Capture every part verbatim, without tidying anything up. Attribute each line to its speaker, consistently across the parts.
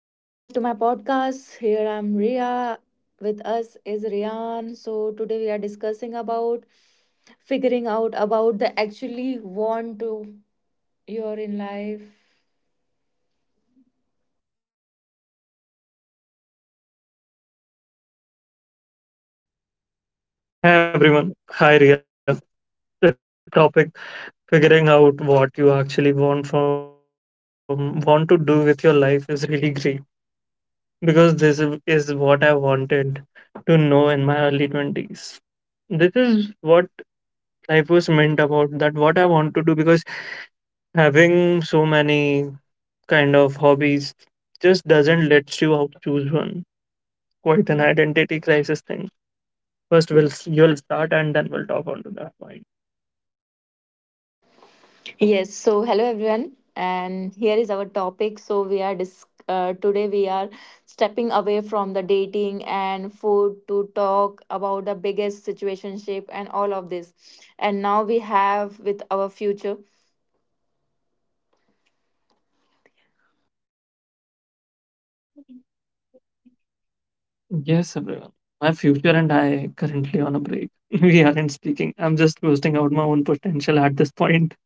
Speaker 1: Welcome back to my podcast. Here I'm Ria. With us is Rian. So, today we are discussing about figuring out about the actually want to you're in life.
Speaker 2: Hi everyone. Hi Ria. The topic figuring out what you actually want from want to do with your life is really great because this is is what I wanted to know in my early twenties. This is what life was meant about that what I want to do because having so many kind of hobbies just doesn't let you out choose one. Quite an identity crisis thing. First we'll you'll start and then we'll talk on to that point.
Speaker 1: Yes. So, hello, everyone. And here is our topic. So, we are dis- uh, today we are stepping away from the dating and food to talk about the biggest situationship and all of this. And now we have with our future.
Speaker 2: Yes, everyone. My future and I currently on a break. We aren't speaking. I'm just boosting out my own potential at this point.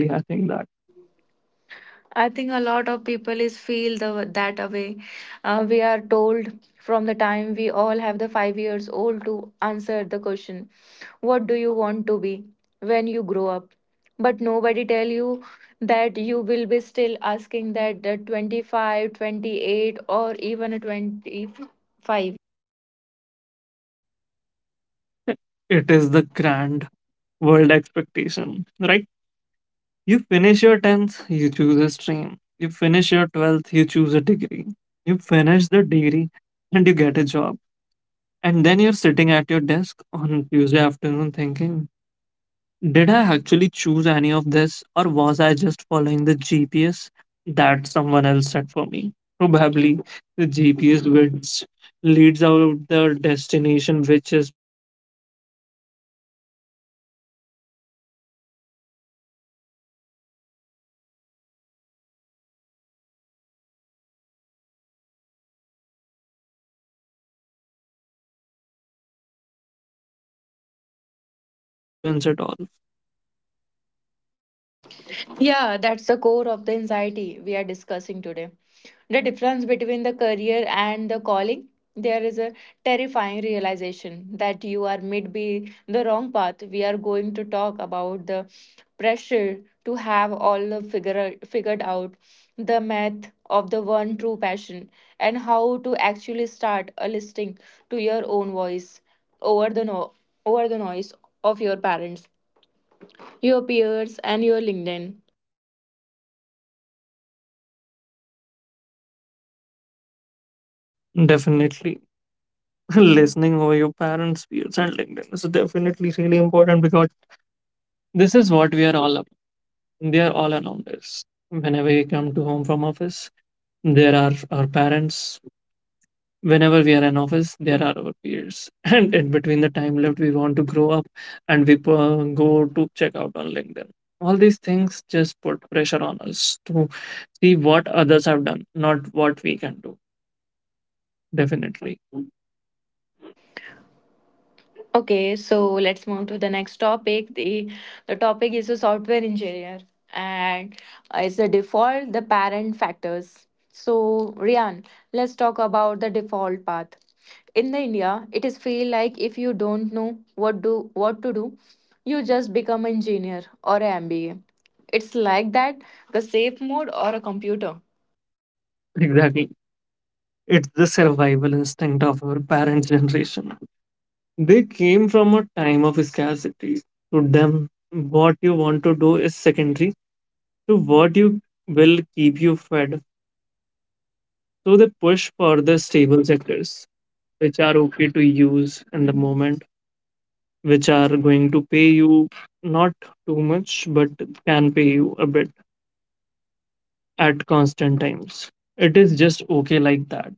Speaker 2: Really, I think that
Speaker 1: I think a lot of people is feel the that way. Uh, we are told from the time we all have the five years old to answer the question, "What do you want to be when you grow up?" But nobody tell you that you will be still asking that the twenty five, twenty eight, or even a twenty five.
Speaker 2: it is the grand world expectation, right? You finish your tenth, you choose a stream. You finish your twelfth, you choose a degree. You finish the degree and you get a job. And then you're sitting at your desk on Tuesday afternoon thinking, "Did I actually choose any of this, or was I just following the G P S that someone else set for me?" Probably the G P S which leads out the destination which is putting put in in from by s- your parents or your relatives, or probably your neighbor's son or your neighbor who talks to your dad, and then your da- dad puts the situation in. It is like that expectation which ruins it all.
Speaker 1: Yeah, that's the core of the anxiety we are discussing today. The difference between the career and the calling. There is a terrifying realization that you are mid be the wrong path. We are going to talk about the pressure to have all the figure figured out, the math of the one true passion, and how to actually start a listening to your own voice over the no over the noise of your parents, your peers, and your LinkedIn.
Speaker 2: Definitely. Listening over your parents' feeds and LinkedIn is definitely really important because this is what we are all about. They are all around us. Whenever we come to home from office, there are our parents. Whenever we are in office, there are our peers. And in between the time left, we want to grow up and we uh, go to check out on LinkedIn. All these things just put pressure on us to see what others have done, not what we can do. Definitely.
Speaker 1: Okay, so let's move to the next topic. The the topic is a software engineer and uh, it's the default, the parent factors. So Rian, let's talk about the default path. In the India, it is feel like if you don't know what do what to do, you just become engineer or a M B A. It's like that, the safe mode or a computer.
Speaker 2: Exactly. It's the survival instinct of our parents' generation. They came from a time of scarcity. To them, what you want to do is secondary to what you will keep you fed. So they push for the stable sectors, which are okay to use in the moment, which are going to pay you not too much, but can pay you a bit at constant times. It is just okay like that.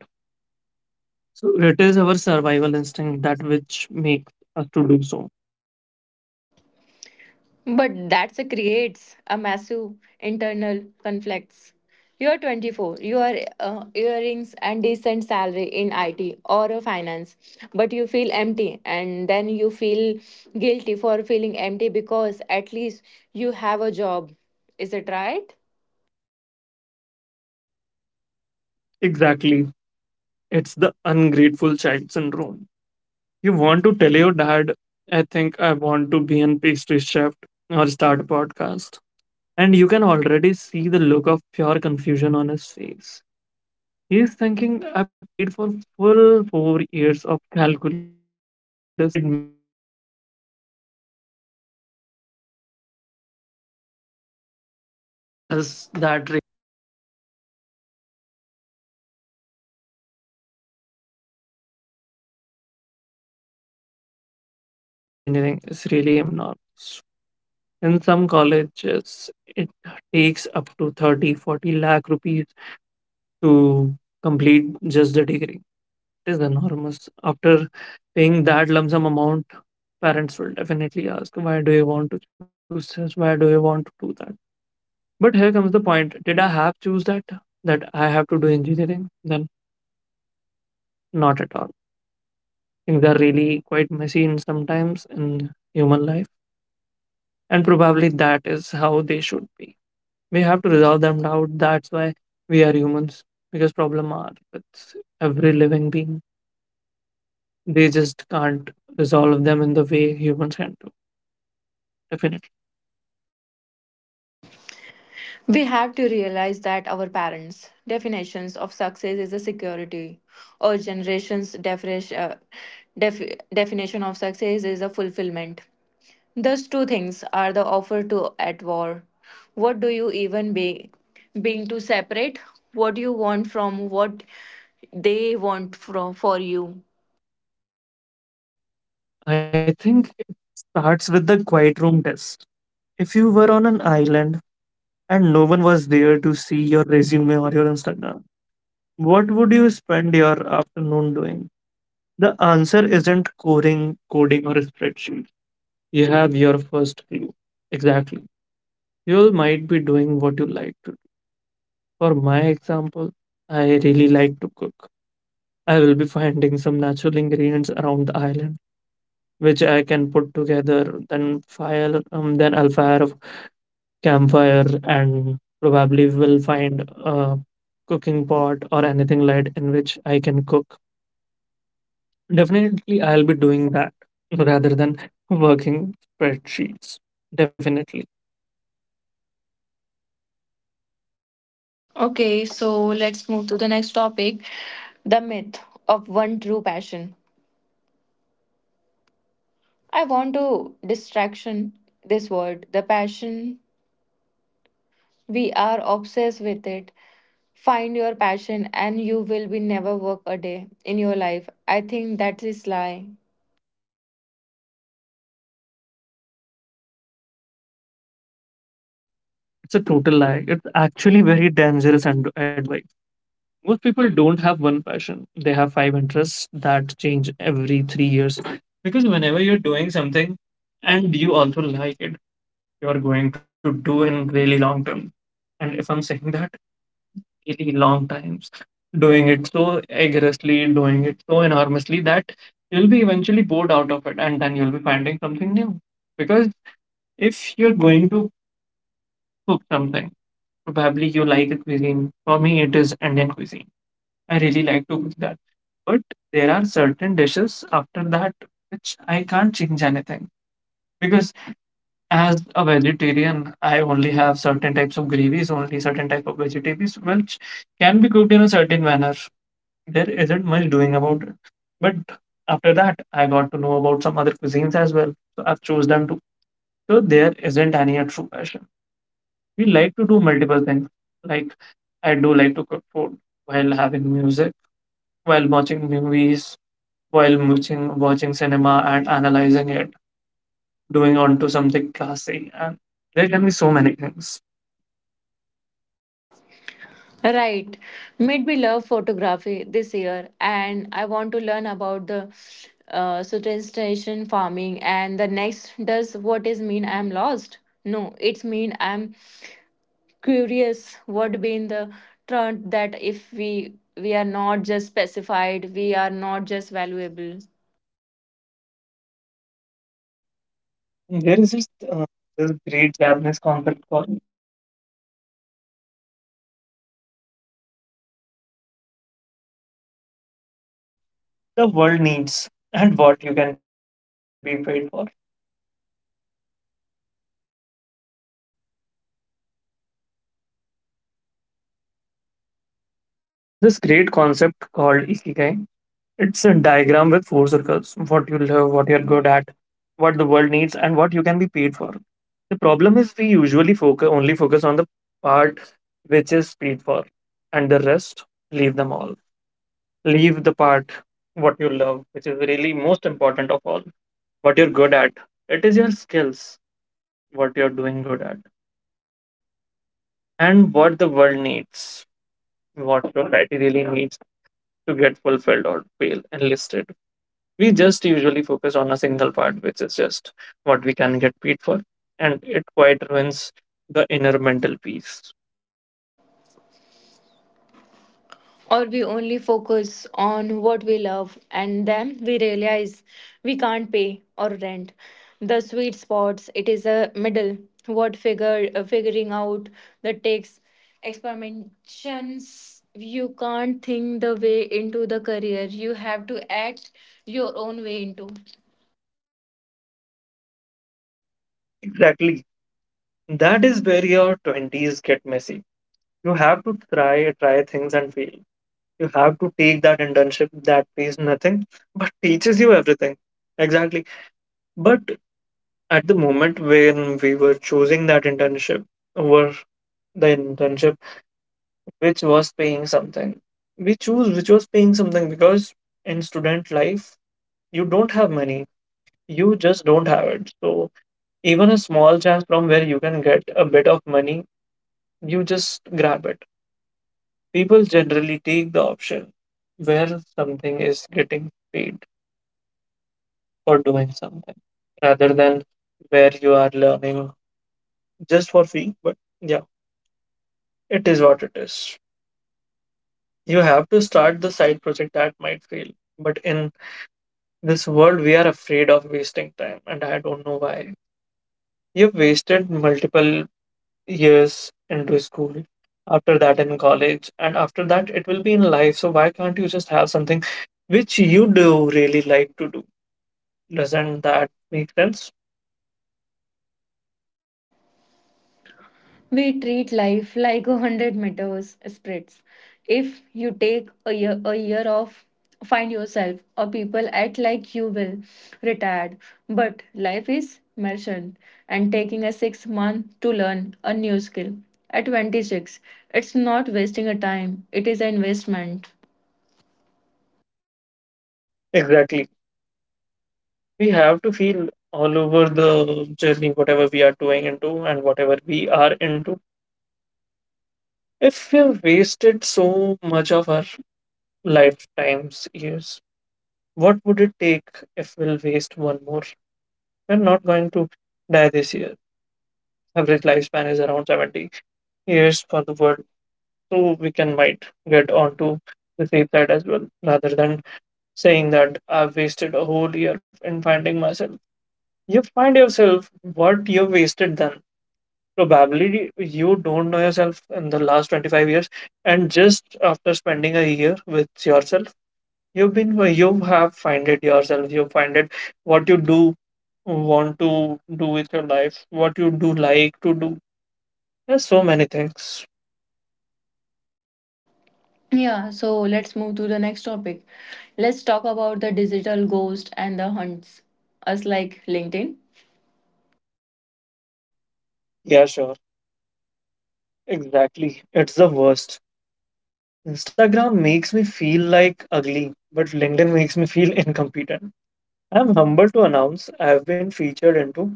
Speaker 2: So it is our survival instinct that which makes us to do so.
Speaker 1: But that creates a massive internal conflicts. You are twenty four, you are uh, earnings and decent salary in I T or a finance, but you feel empty and then you feel guilty for feeling empty because at least you have a job. Is it right?
Speaker 2: Exactly. It's the ungrateful child syndrome. You want to tell your dad, "I think I want to be in pastry chef or start a podcast." And you can already see the look of pure confusion on his face. He's thinking, "I paid for full four years of calculus so you could make cupcakes." Does that even make sense?
Speaker 1: Does
Speaker 2: Does
Speaker 1: that ring?
Speaker 2: that really works well? No, not really at all. Because paying the fees of whole graduation for engineering is really enormous. In some colleges, it takes up to thirty, forty lakh rupees to complete just the degree. It is enormous. After paying that lump sum amount, parents will definitely ask, "Why do you want to choose this? Why do you want to do that?" But here comes the point. Did I have choose that? That I have to do engineering? Then not at all. Things are really quite messy in sometimes in human life. And probably that is how they should be. We have to resolve them out. That's why we are humans. Because problem are with every living being. They just can't resolve them in the way humans can do. Definitely.
Speaker 1: We have to realize that our parents' definitions of success is a security, or generations' definition, uh, def- definition of success is a fulfillment. Those two things are the offer to at war. What do you even be being to separate? What you want from what they want from for you.
Speaker 2: I think it starts with the quiet room test. If you were on an island and no one was there to see your resume or your Instagram, what would you spend your afternoon doing? The answer isn't coding, coding or a spreadsheet. You have your first clue. Exactly. You might be doing what you like to do. For my example, I really like to cook. I will be finding some natural ingredients around the island, which I can put together, then fire, um, then I'll fire a campfire and probably will find a cooking pot or anything light in which I can cook. Definitely, I'll be doing that rather than working spreadsheets. Definitely.
Speaker 1: Okay, so let's move to the next topic. The myth of one true passion. I want to distraction this word. The passion we are obsessed with it. Find your passion and you will be never work a day in your life. I think that is lie.
Speaker 2: Lie. It's a total lie. It's actually very dangerous and advice. Most people don't have one passion. They have five interests that change every three years. Because whenever you're doing something and you also like it, you're going to do in really long term. And if I'm saying that, really long times, doing it so aggressively, doing it so enormously that you'll be eventually bored out of it and then you'll be finding something new. Because if you're going to cook something, probably you like a cuisine. For me, it is Indian cuisine. I really like to cook that. But there are certain dishes after that which I can't change anything. Because as a vegetarian, I only have certain types of gravies, only certain type of vegetables which can be cooked in a certain manner. There isn't much doing about it. But after that, I got to know about some other cuisines as well. So I've chose them too. So there isn't any a true passion. We like to do multiple things. Like I do like to cook food while having music, while watching movies, while watching watching cinema and analyzing it, doing onto something classy, and there can be so many things.
Speaker 1: Right. Made me love photography this year, and I want to learn about the uh, station farming. And the next does what is mean I'm lost? No, it's mean I'm curious. What been the trend that if we we are not just specified, we are not just valuable.
Speaker 2: There is this uh, this great Japanese concept called ikigai. It's the diagram with four circles. What you love, what you're good at, what the world needs, and what you can be paid for. There's this great concept called Ikigai. It's a diagram with four circles. What you love, what you're good at, what the world needs, and what you can be paid for. The problem is we usually focus only focus on the part which is paid for, and the rest leave them all. Leave the part what you love, which is really most important of all what you're good at. It is your skills, what you're doing good at, and what the world needs, what society really needs to get fulfilled or fail enlisted. We just usually focus on a single part, which is just what we can get paid for, and it quite ruins the inner mental peace.
Speaker 1: Or we only focus on what we love and then we realize we can't pay or rent the sweet spots, it is a middle what figure uh, figuring out that takes experimentations. You can't think the way into the career, you have to act your own way into.
Speaker 2: Exactly. That is where your twenties get messy. You have to try, try things and fail. You have to take that internship that pays nothing but teaches you everything. Exactly. But at the moment when we were choosing that internship over the internship which was paying something, we choose which was paying something because in student life you don't have money, you just don't have it. So even a small chance from where you can get a bit of money, you just grab it. People generally take the option where something is getting paid for doing something, rather than where you are learning just for free. But yeah, it is what it is. You have to start the side project that might fail. But in this world, we are afraid of wasting time, and I don't know why. You've wasted multiple years into school, after that in college, and after that it will be in life. So why can't you just have something which you do really like to do? Doesn't that make sense?
Speaker 1: We treat life like a hundred meters sprints. If you take a year a year off, find yourself or people act like you will retired. But life is marathon, and taking a six month to learn a new skill at twenty six, it's not wasting a time. It is an investment.
Speaker 2: Exactly. We have to feel all over the journey, whatever we are doing into and whatever we are into. If we wasted so much of our lifetime's years, what would it take if we'll waste one more? We're not going to die this year. Average lifespan is around seventy years for the world, so we can might get onto the safe side as well, rather than saying that I've wasted a whole year in finding myself. You find yourself what you wasted then. Probably you don't know yourself in the last twenty-five years, and just after spending a year with yourself. You've been uh, you have find it yourself. You find it what you do want to do with your life, what you do like to do. There's so many things.
Speaker 1: Yeah. So let's move to the next topic. Let's talk about the digital ghost and the hunts. Us like LinkedIn.
Speaker 2: Yeah, sure. Exactly. It's the worst. Instagram makes me feel like ugly, but LinkedIn makes me feel incompetent. I'm humbled to announce I've been featured into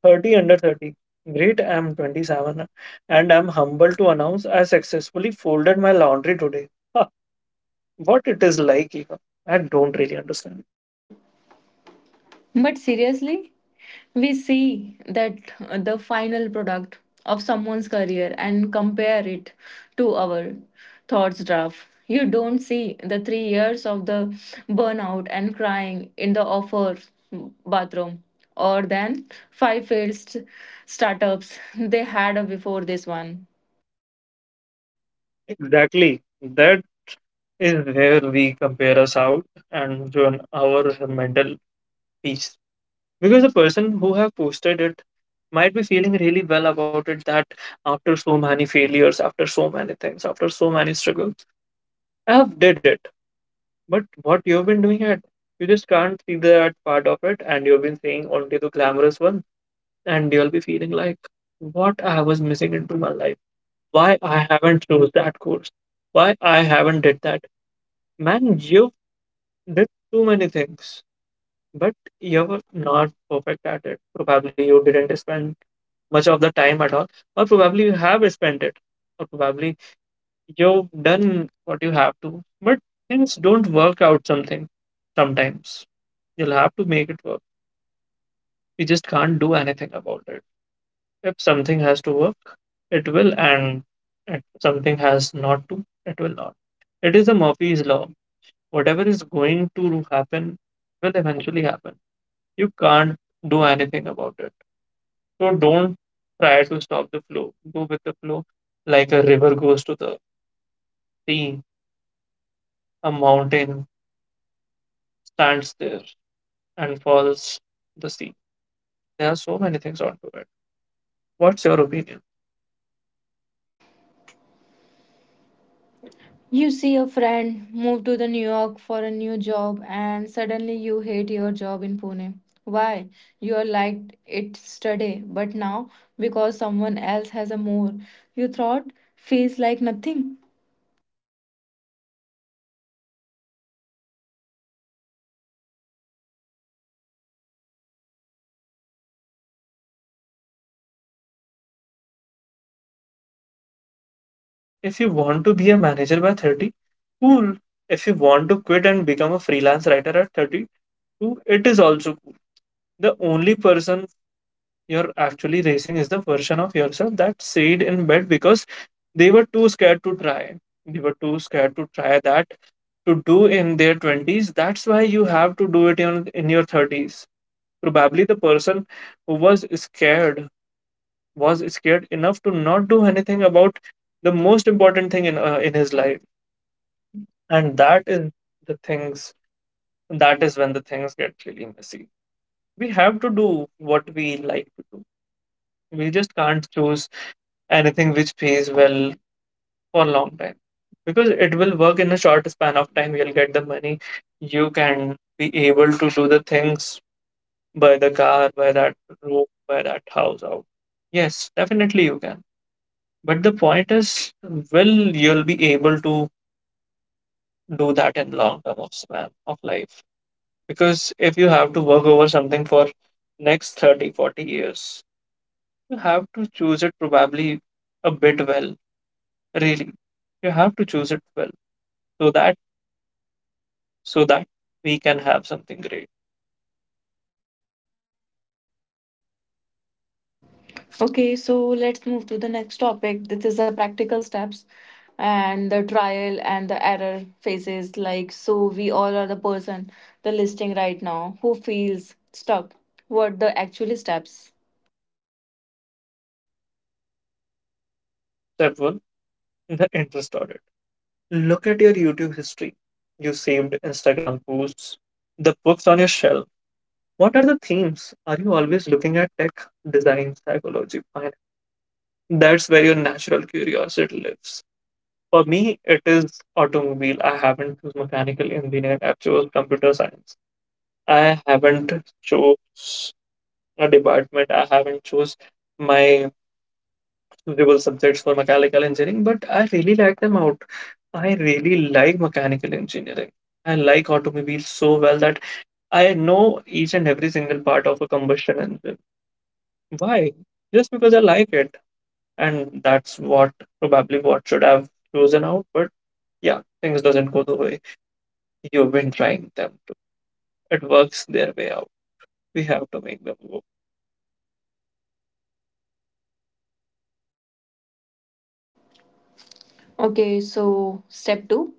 Speaker 2: thirty under thirty. Great, I'm twenty-seven, and I'm humbled to announce I successfully folded my laundry today. What it is like, even I don't really understand.
Speaker 1: But seriously, we see that uh, the final product of someone's career and compare it to our thoughts draft. You don't see the three years of the burnout and crying in the offer bathroom or then five failed st- startups they had before this one.
Speaker 2: Exactly, that is where we compare us out and join our mental peace, because the person who have posted it might be feeling really well about it that after so many failures, after so many things, after so many struggles, I have did it. But what you've been doing it, you just can't see that part of it, and you've been seeing only the glamorous one, and you'll be feeling like, what I was missing into my life. Why I haven't chose that course? Why I haven't did that? Man, you did too many things, but you're not perfect at it. Probably you didn't spend much of the time at all, or probably you have spent it, or probably you've done what you have to, but things don't work out. Something sometimes you'll have to make it work. You just can't do anything about it. If something has to work, it will, and if something has not to, it will not. It is the Murphy's law. Whatever is going to happen will eventually happen. You can't do anything about it. So don't try to stop the flow, go with the flow, like a river goes to the sea, a mountain stands there and falls the sea. There are so many things onto it. What's your opinion?
Speaker 1: You see a friend move to the New York for a new job and suddenly you hate your job in Pune. Why? You are liked it today, but now because someone else has a more, you thought feels like nothing.
Speaker 2: Exactly. The comparison ruins so many things. Just so many things. We need to learn to mute the noise. Your timeline is yours. If you want to be a manager by thirty, cool. If you want to quit and become a freelance writer at thirty-two, it is also cool. The only person you're actually racing is the version of yourself that stayed in bed because they were too scared to try. They were too scared to try that, to do in their twenties. That's why you have to do it in, in your thirties. Probably the person who was scared was scared enough to not do anything about the most important thing in, uh, in his life. And that is the things, that is when the things get really messy. We have to do what we like to do. We just can't choose anything which pays well for a long time, because it will work in a short span of time. You'll get the money, you can be able to do the things, buy the car, buy that room, buy that house out. Yes, definitely you can, but the point is, will you'll be able to do that in long term of span of life? Because if you have to work over something for next thirty, forty years, you have to choose it probably a bit well, really, you have to choose it well, so that so that we can have something great.
Speaker 1: Okay, so let's move to the next topic. This is the practical steps and the trial and the error phases. Like, so we all are the person, the listing right now, who feels stuck. What the actual steps?
Speaker 2: Step one, the interest audit. Look at your YouTube history, you saved Instagram posts, the books on your shelf. What are the themes? Are you always looking at tech, design, psychology, finance? That's where your natural curiosity lives. For me, it is automobile. I haven't choose mechanical engineering. I've chose computer science. I haven't chose a department. I haven't chose my suitable subjects for mechanical engineering, but I really like them out. I really like mechanical engineering. I like automobiles so well that I know each and every single part of a combustion engine. Why? Just because I like it, and that's what, probably what should have chosen out. But yeah, things doesn't go the way you've been trying them to. It works their way out. We have to make them work.
Speaker 1: Okay, so step two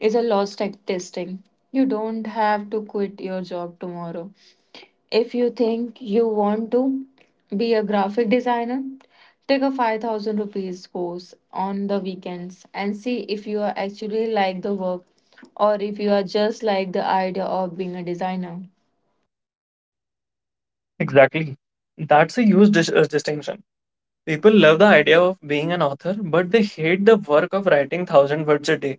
Speaker 1: is a loss tech testing. You don't have to quit your job tomorrow. If you think you want to be a graphic designer, take a five thousand rupees course on the weekends and see if you are actually like the work or if you are just like the idea of being a designer.
Speaker 2: Exactly. That's a huge dis- uh, distinction. People love the idea of being an author, but they hate the work of writing one thousand words a day.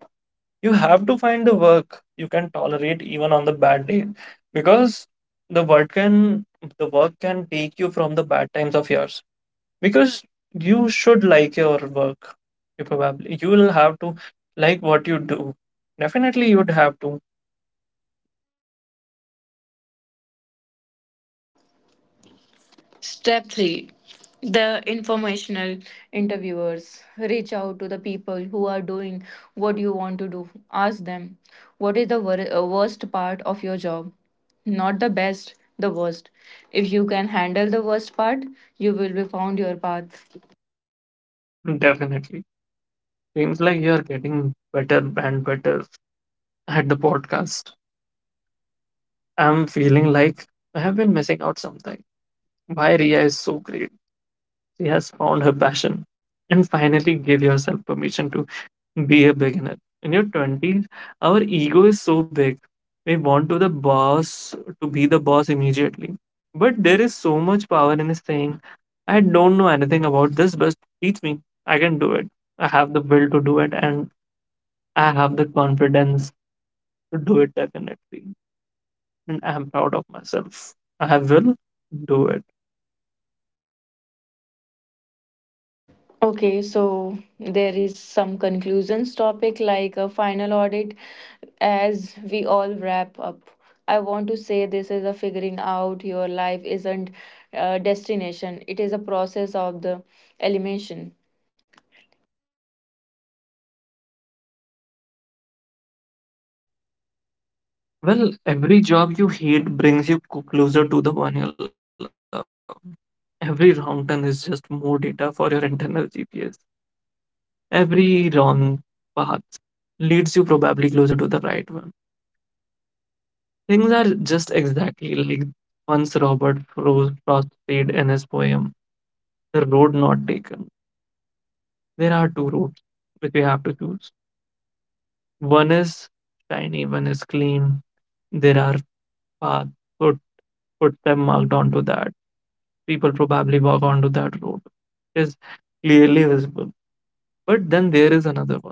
Speaker 2: You have to find the work you can tolerate even on the bad day, because the work can, the work can take you from the bad times of yours. Because you should like your work. You probably you will have to like what you do. Definitely, you would have to.
Speaker 1: Step three, the informational interviewers. Reach out to the people who are doing what you want to do. Ask them, what is the wor- uh, worst part of your job? Not the best, the worst. If you can handle the worst part, you will be found your path.
Speaker 2: Definitely, seems like you're getting better and better at the podcast. I'm feeling like I have been missing out something. Why Ria is so great. She has found her passion. And finally, give yourself permission to be a beginner. In your twenties, our ego is so big. We want to the boss, to be the boss immediately. But there is so much power in saying, I don't know anything about this, but teach me. I can do it. I have the will to do it and I have the confidence to do it definitely. And I'm proud of myself. I will do it.
Speaker 1: Okay, so there is some conclusions topic like a final audit as we all wrap up. I want to say this is a figuring out your life isn't a destination. It is a process of the elimination.
Speaker 2: Well, every job you hate brings you co- closer to the one you love. Every wrong turn is just more data for your internal G P S. Every wrong path leads you probably closer to the right one. Things are just exactly like once Robert Fro- Frost said in his poem, The Road Not Taken. There are two roads which we have to choose. One is shiny, one is clean. There are path, foot, footstep marked onto that. People probably walk onto that road. Is clearly visible. But then there is another one,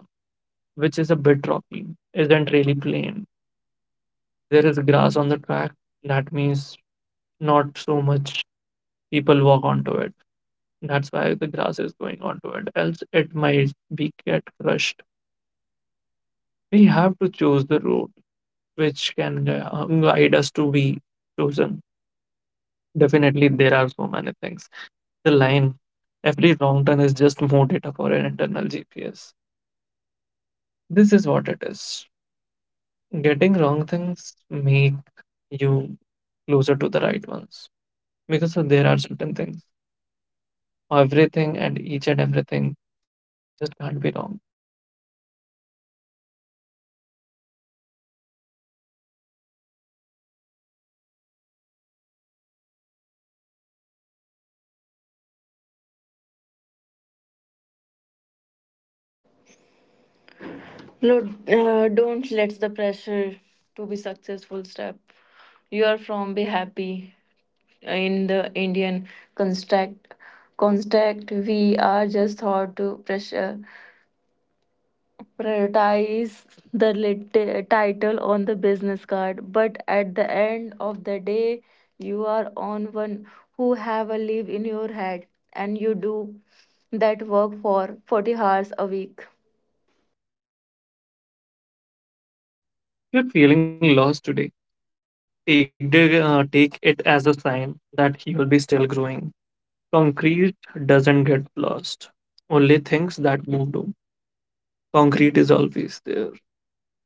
Speaker 2: which is a bit rocky, isn't really plain. There is grass on the track. That means not so much people walk onto it. That's why the grass is going onto it. Else it might be get crushed. We have to choose the road which can uh, guide us to be chosen. Definitely, there are so many things. The line, every wrong turn is just more data for an internal G P S. This is what it is. Getting wrong things make you closer to the right ones, because so there are certain things. Everything and each and everything just can't be wrong. There will have to be certainly things which have to be right. That's why probably every wrong turn is just more data for an internal G P S.
Speaker 1: Lord, uh, don't let the pressure to be successful step. You are from be happy in the Indian construct construct. We are just thought to pressure prioritize the lit- title on the business card, but at the end of the day, you are on one who have a leaf in your head and you do that work for forty hours a week.
Speaker 2: You're feeling lost today. Take, the, uh, take it as a sign that you will be still growing. Concrete doesn't get lost, only things that move do. Concrete is always there,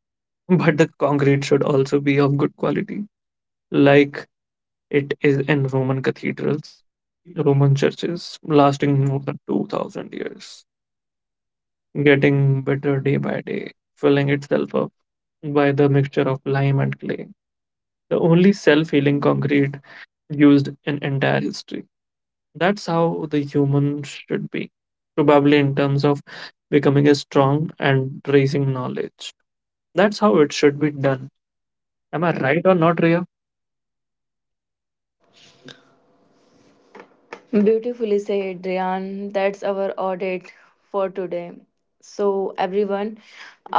Speaker 2: but the concrete should also be of good quality, like it is in Roman cathedrals, Roman churches, lasting more than two thousand years, getting better day by day, filling itself up by the mixture of lime and clay. The only self healing concrete used in entire history. That's how the human should be, probably in terms of becoming a strong and raising knowledge. That's how it should be done. Am I right or not, Ria?
Speaker 1: Beautifully said, Ryan. That's our audit for today. So, everyone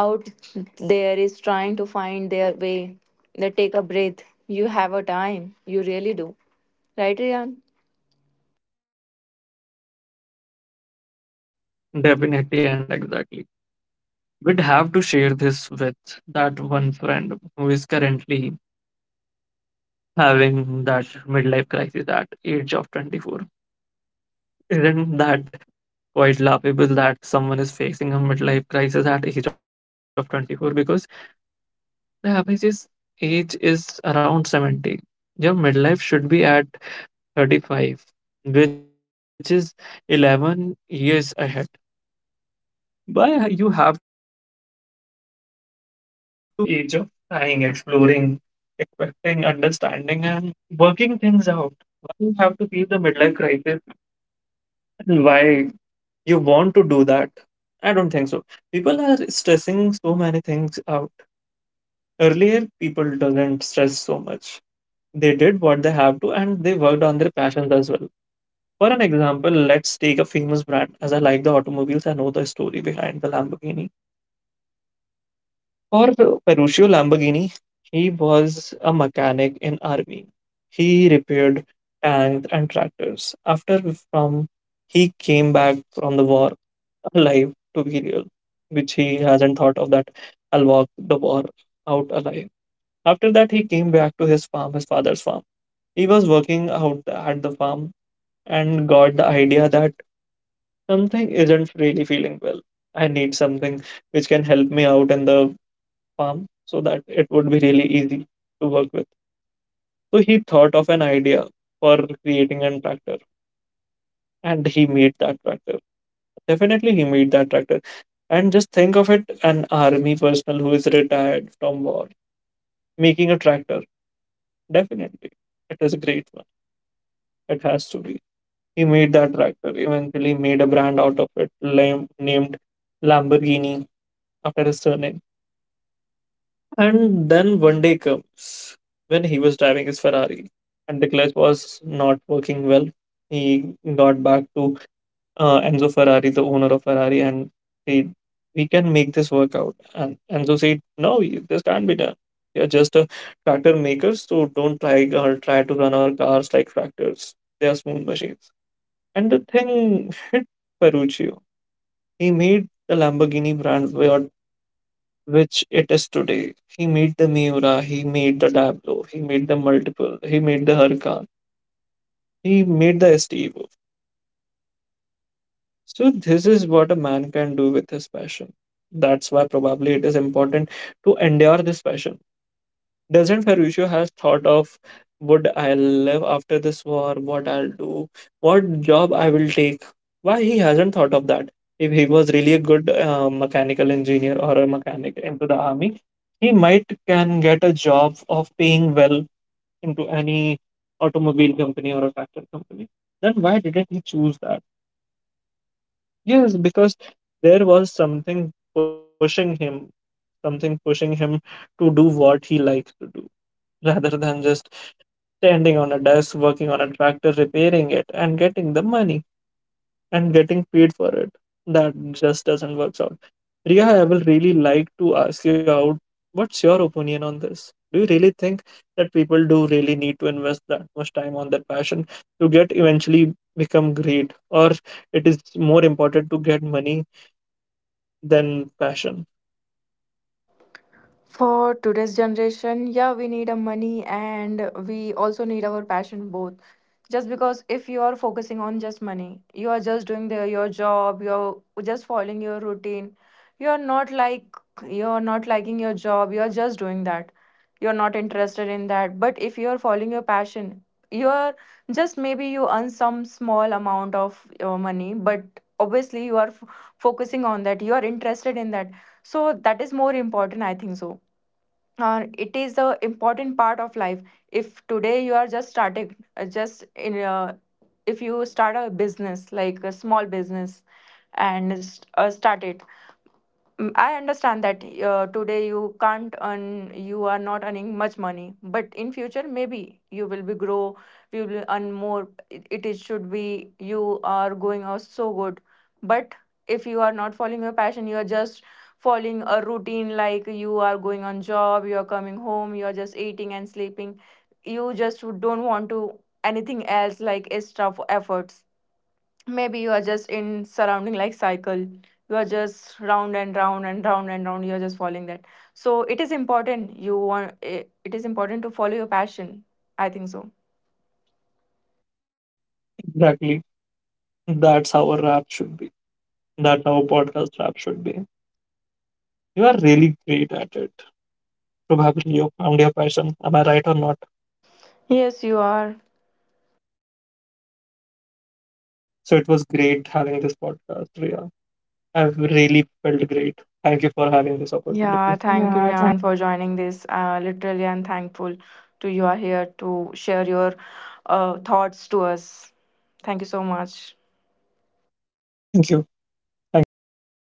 Speaker 1: out there is trying to find their way, they take a breath. You have a time, you really do, right Ryan?
Speaker 2: Definitely and exactly. We'd have to share this with that one friend who is currently having that midlife crisis at age of twenty-four. Isn't that quite laughable that someone is facing a midlife crisis at age of twenty-four, because the average age is around seventy. Your midlife should be at thirty-five, which is eleven years ahead. Why you have to feel it at your age twenty-four, which is the age of trying, exploring, expecting, understanding, and working things out? Why you have to feel the midlife crisis? And why you want to do that? I don't think so. People are stressing so many things out. Earlier, people doesn't stress so much. They did what they have to, and they worked on their passions as well. For an example, let's take a famous brand. As I like the automobiles, I know the story behind the Lamborghini. For Ferruccio Lamborghini, he was a mechanic in army. He repaired tanks and tractors. After from He came back from the war alive, to be real, which he hasn't thought of, that I'll walk the war out alive. After that, he came back to his farm, his father's farm. He was working out at the farm and got the idea that something isn't really feeling well. I need something which can help me out in the farm so that it would be really easy to work with. So he thought of an idea for creating a tractor, and he made that tractor. Definitely, he made that tractor. And just think of it, an army personnel who is retired from war making a tractor. Definitely, it is a great one. It has to be. He made that tractor, eventually made a brand out of it, lam- named Lamborghini after his surname. And then one day comes when he was driving his Ferrari and the clutch was not working well. He got back to uh, Enzo Ferrari, the owner of Ferrari, and said, "We can make this work out." And Enzo said, "No, you- this can't be done. You're just a tractor maker, so don't try or try to run our cars like tractors. They are smooth machines." And the thing hit Ferruccio. He made the Lamborghini brand what, which it is today. He made the Miura, he made the Diablo, he made the Multiple, he made the Huracan, he made the STEvo. So this is what a man can do with his passion. That's why probably it is important to endure this passion. Doesn't Ferruccio has thought of, would I live after this war, what I'll do, what job I will take? Why he hasn't thought of that? If he was really a good uh, mechanical engineer or a mechanic into the army, he might can get a job of paying well into any automobile company or a factory company. Then why didn't he choose that? Yes, because there was something pushing him, something pushing him to do what he likes to do, rather than just standing on a desk, working on a tractor, repairing it, and getting the money and getting paid for it. That just doesn't work out. Priya, I will really like to ask you out, what's your opinion on this? Do you really think that people do really need to invest that much time on their passion to get eventually become great, or it is more important to get money than passion?
Speaker 1: For today's generation, yeah, we need a money and we also need our passion both. Just because if you are focusing on just money, you are just doing the, your job, you're just following your routine. You're not like you're not liking your job, you're just doing that. You're not interested in that. But if you're following your passion, you're just maybe you earn some small amount of your money, but obviously you are f- focusing on that. You are interested in that. So that is more important, I think so. Uh, it is the important part of life. If today you are just starting uh, just in uh, if you start a business like a small business and s- uh, start it. Mm, I understand that uh, today you can't earn, you are not earning much money, but in future maybe you will be grow, you will earn more. It, it is should be you are going out so good, but if you are not following your passion, you are just following a routine like you are going on job, you are coming home, you are just eating and sleeping. You just don't want to anything else like extra f- efforts. Maybe you are just in surrounding like cycle, you are just round and round and round and round, you are just following that. So it is important you want it, it is important to follow your passion, I think so.
Speaker 2: Exactly. That's how a rap should be. That's how a podcast rap should be. You are really great at it. Probably you found your passion. Am I right or not?
Speaker 1: Yes you are.
Speaker 2: So it was great having this podcast, Ria. I've really felt great. Thank you for having this
Speaker 1: Yeah,
Speaker 2: opportunity.
Speaker 1: thank you
Speaker 2: Yeah, thank—
Speaker 1: Rian, for joining this, uh, literally I'm thankful to you are here to share your uh, thoughts to us. Thank you so much.
Speaker 2: Thank you. Thank you, guys.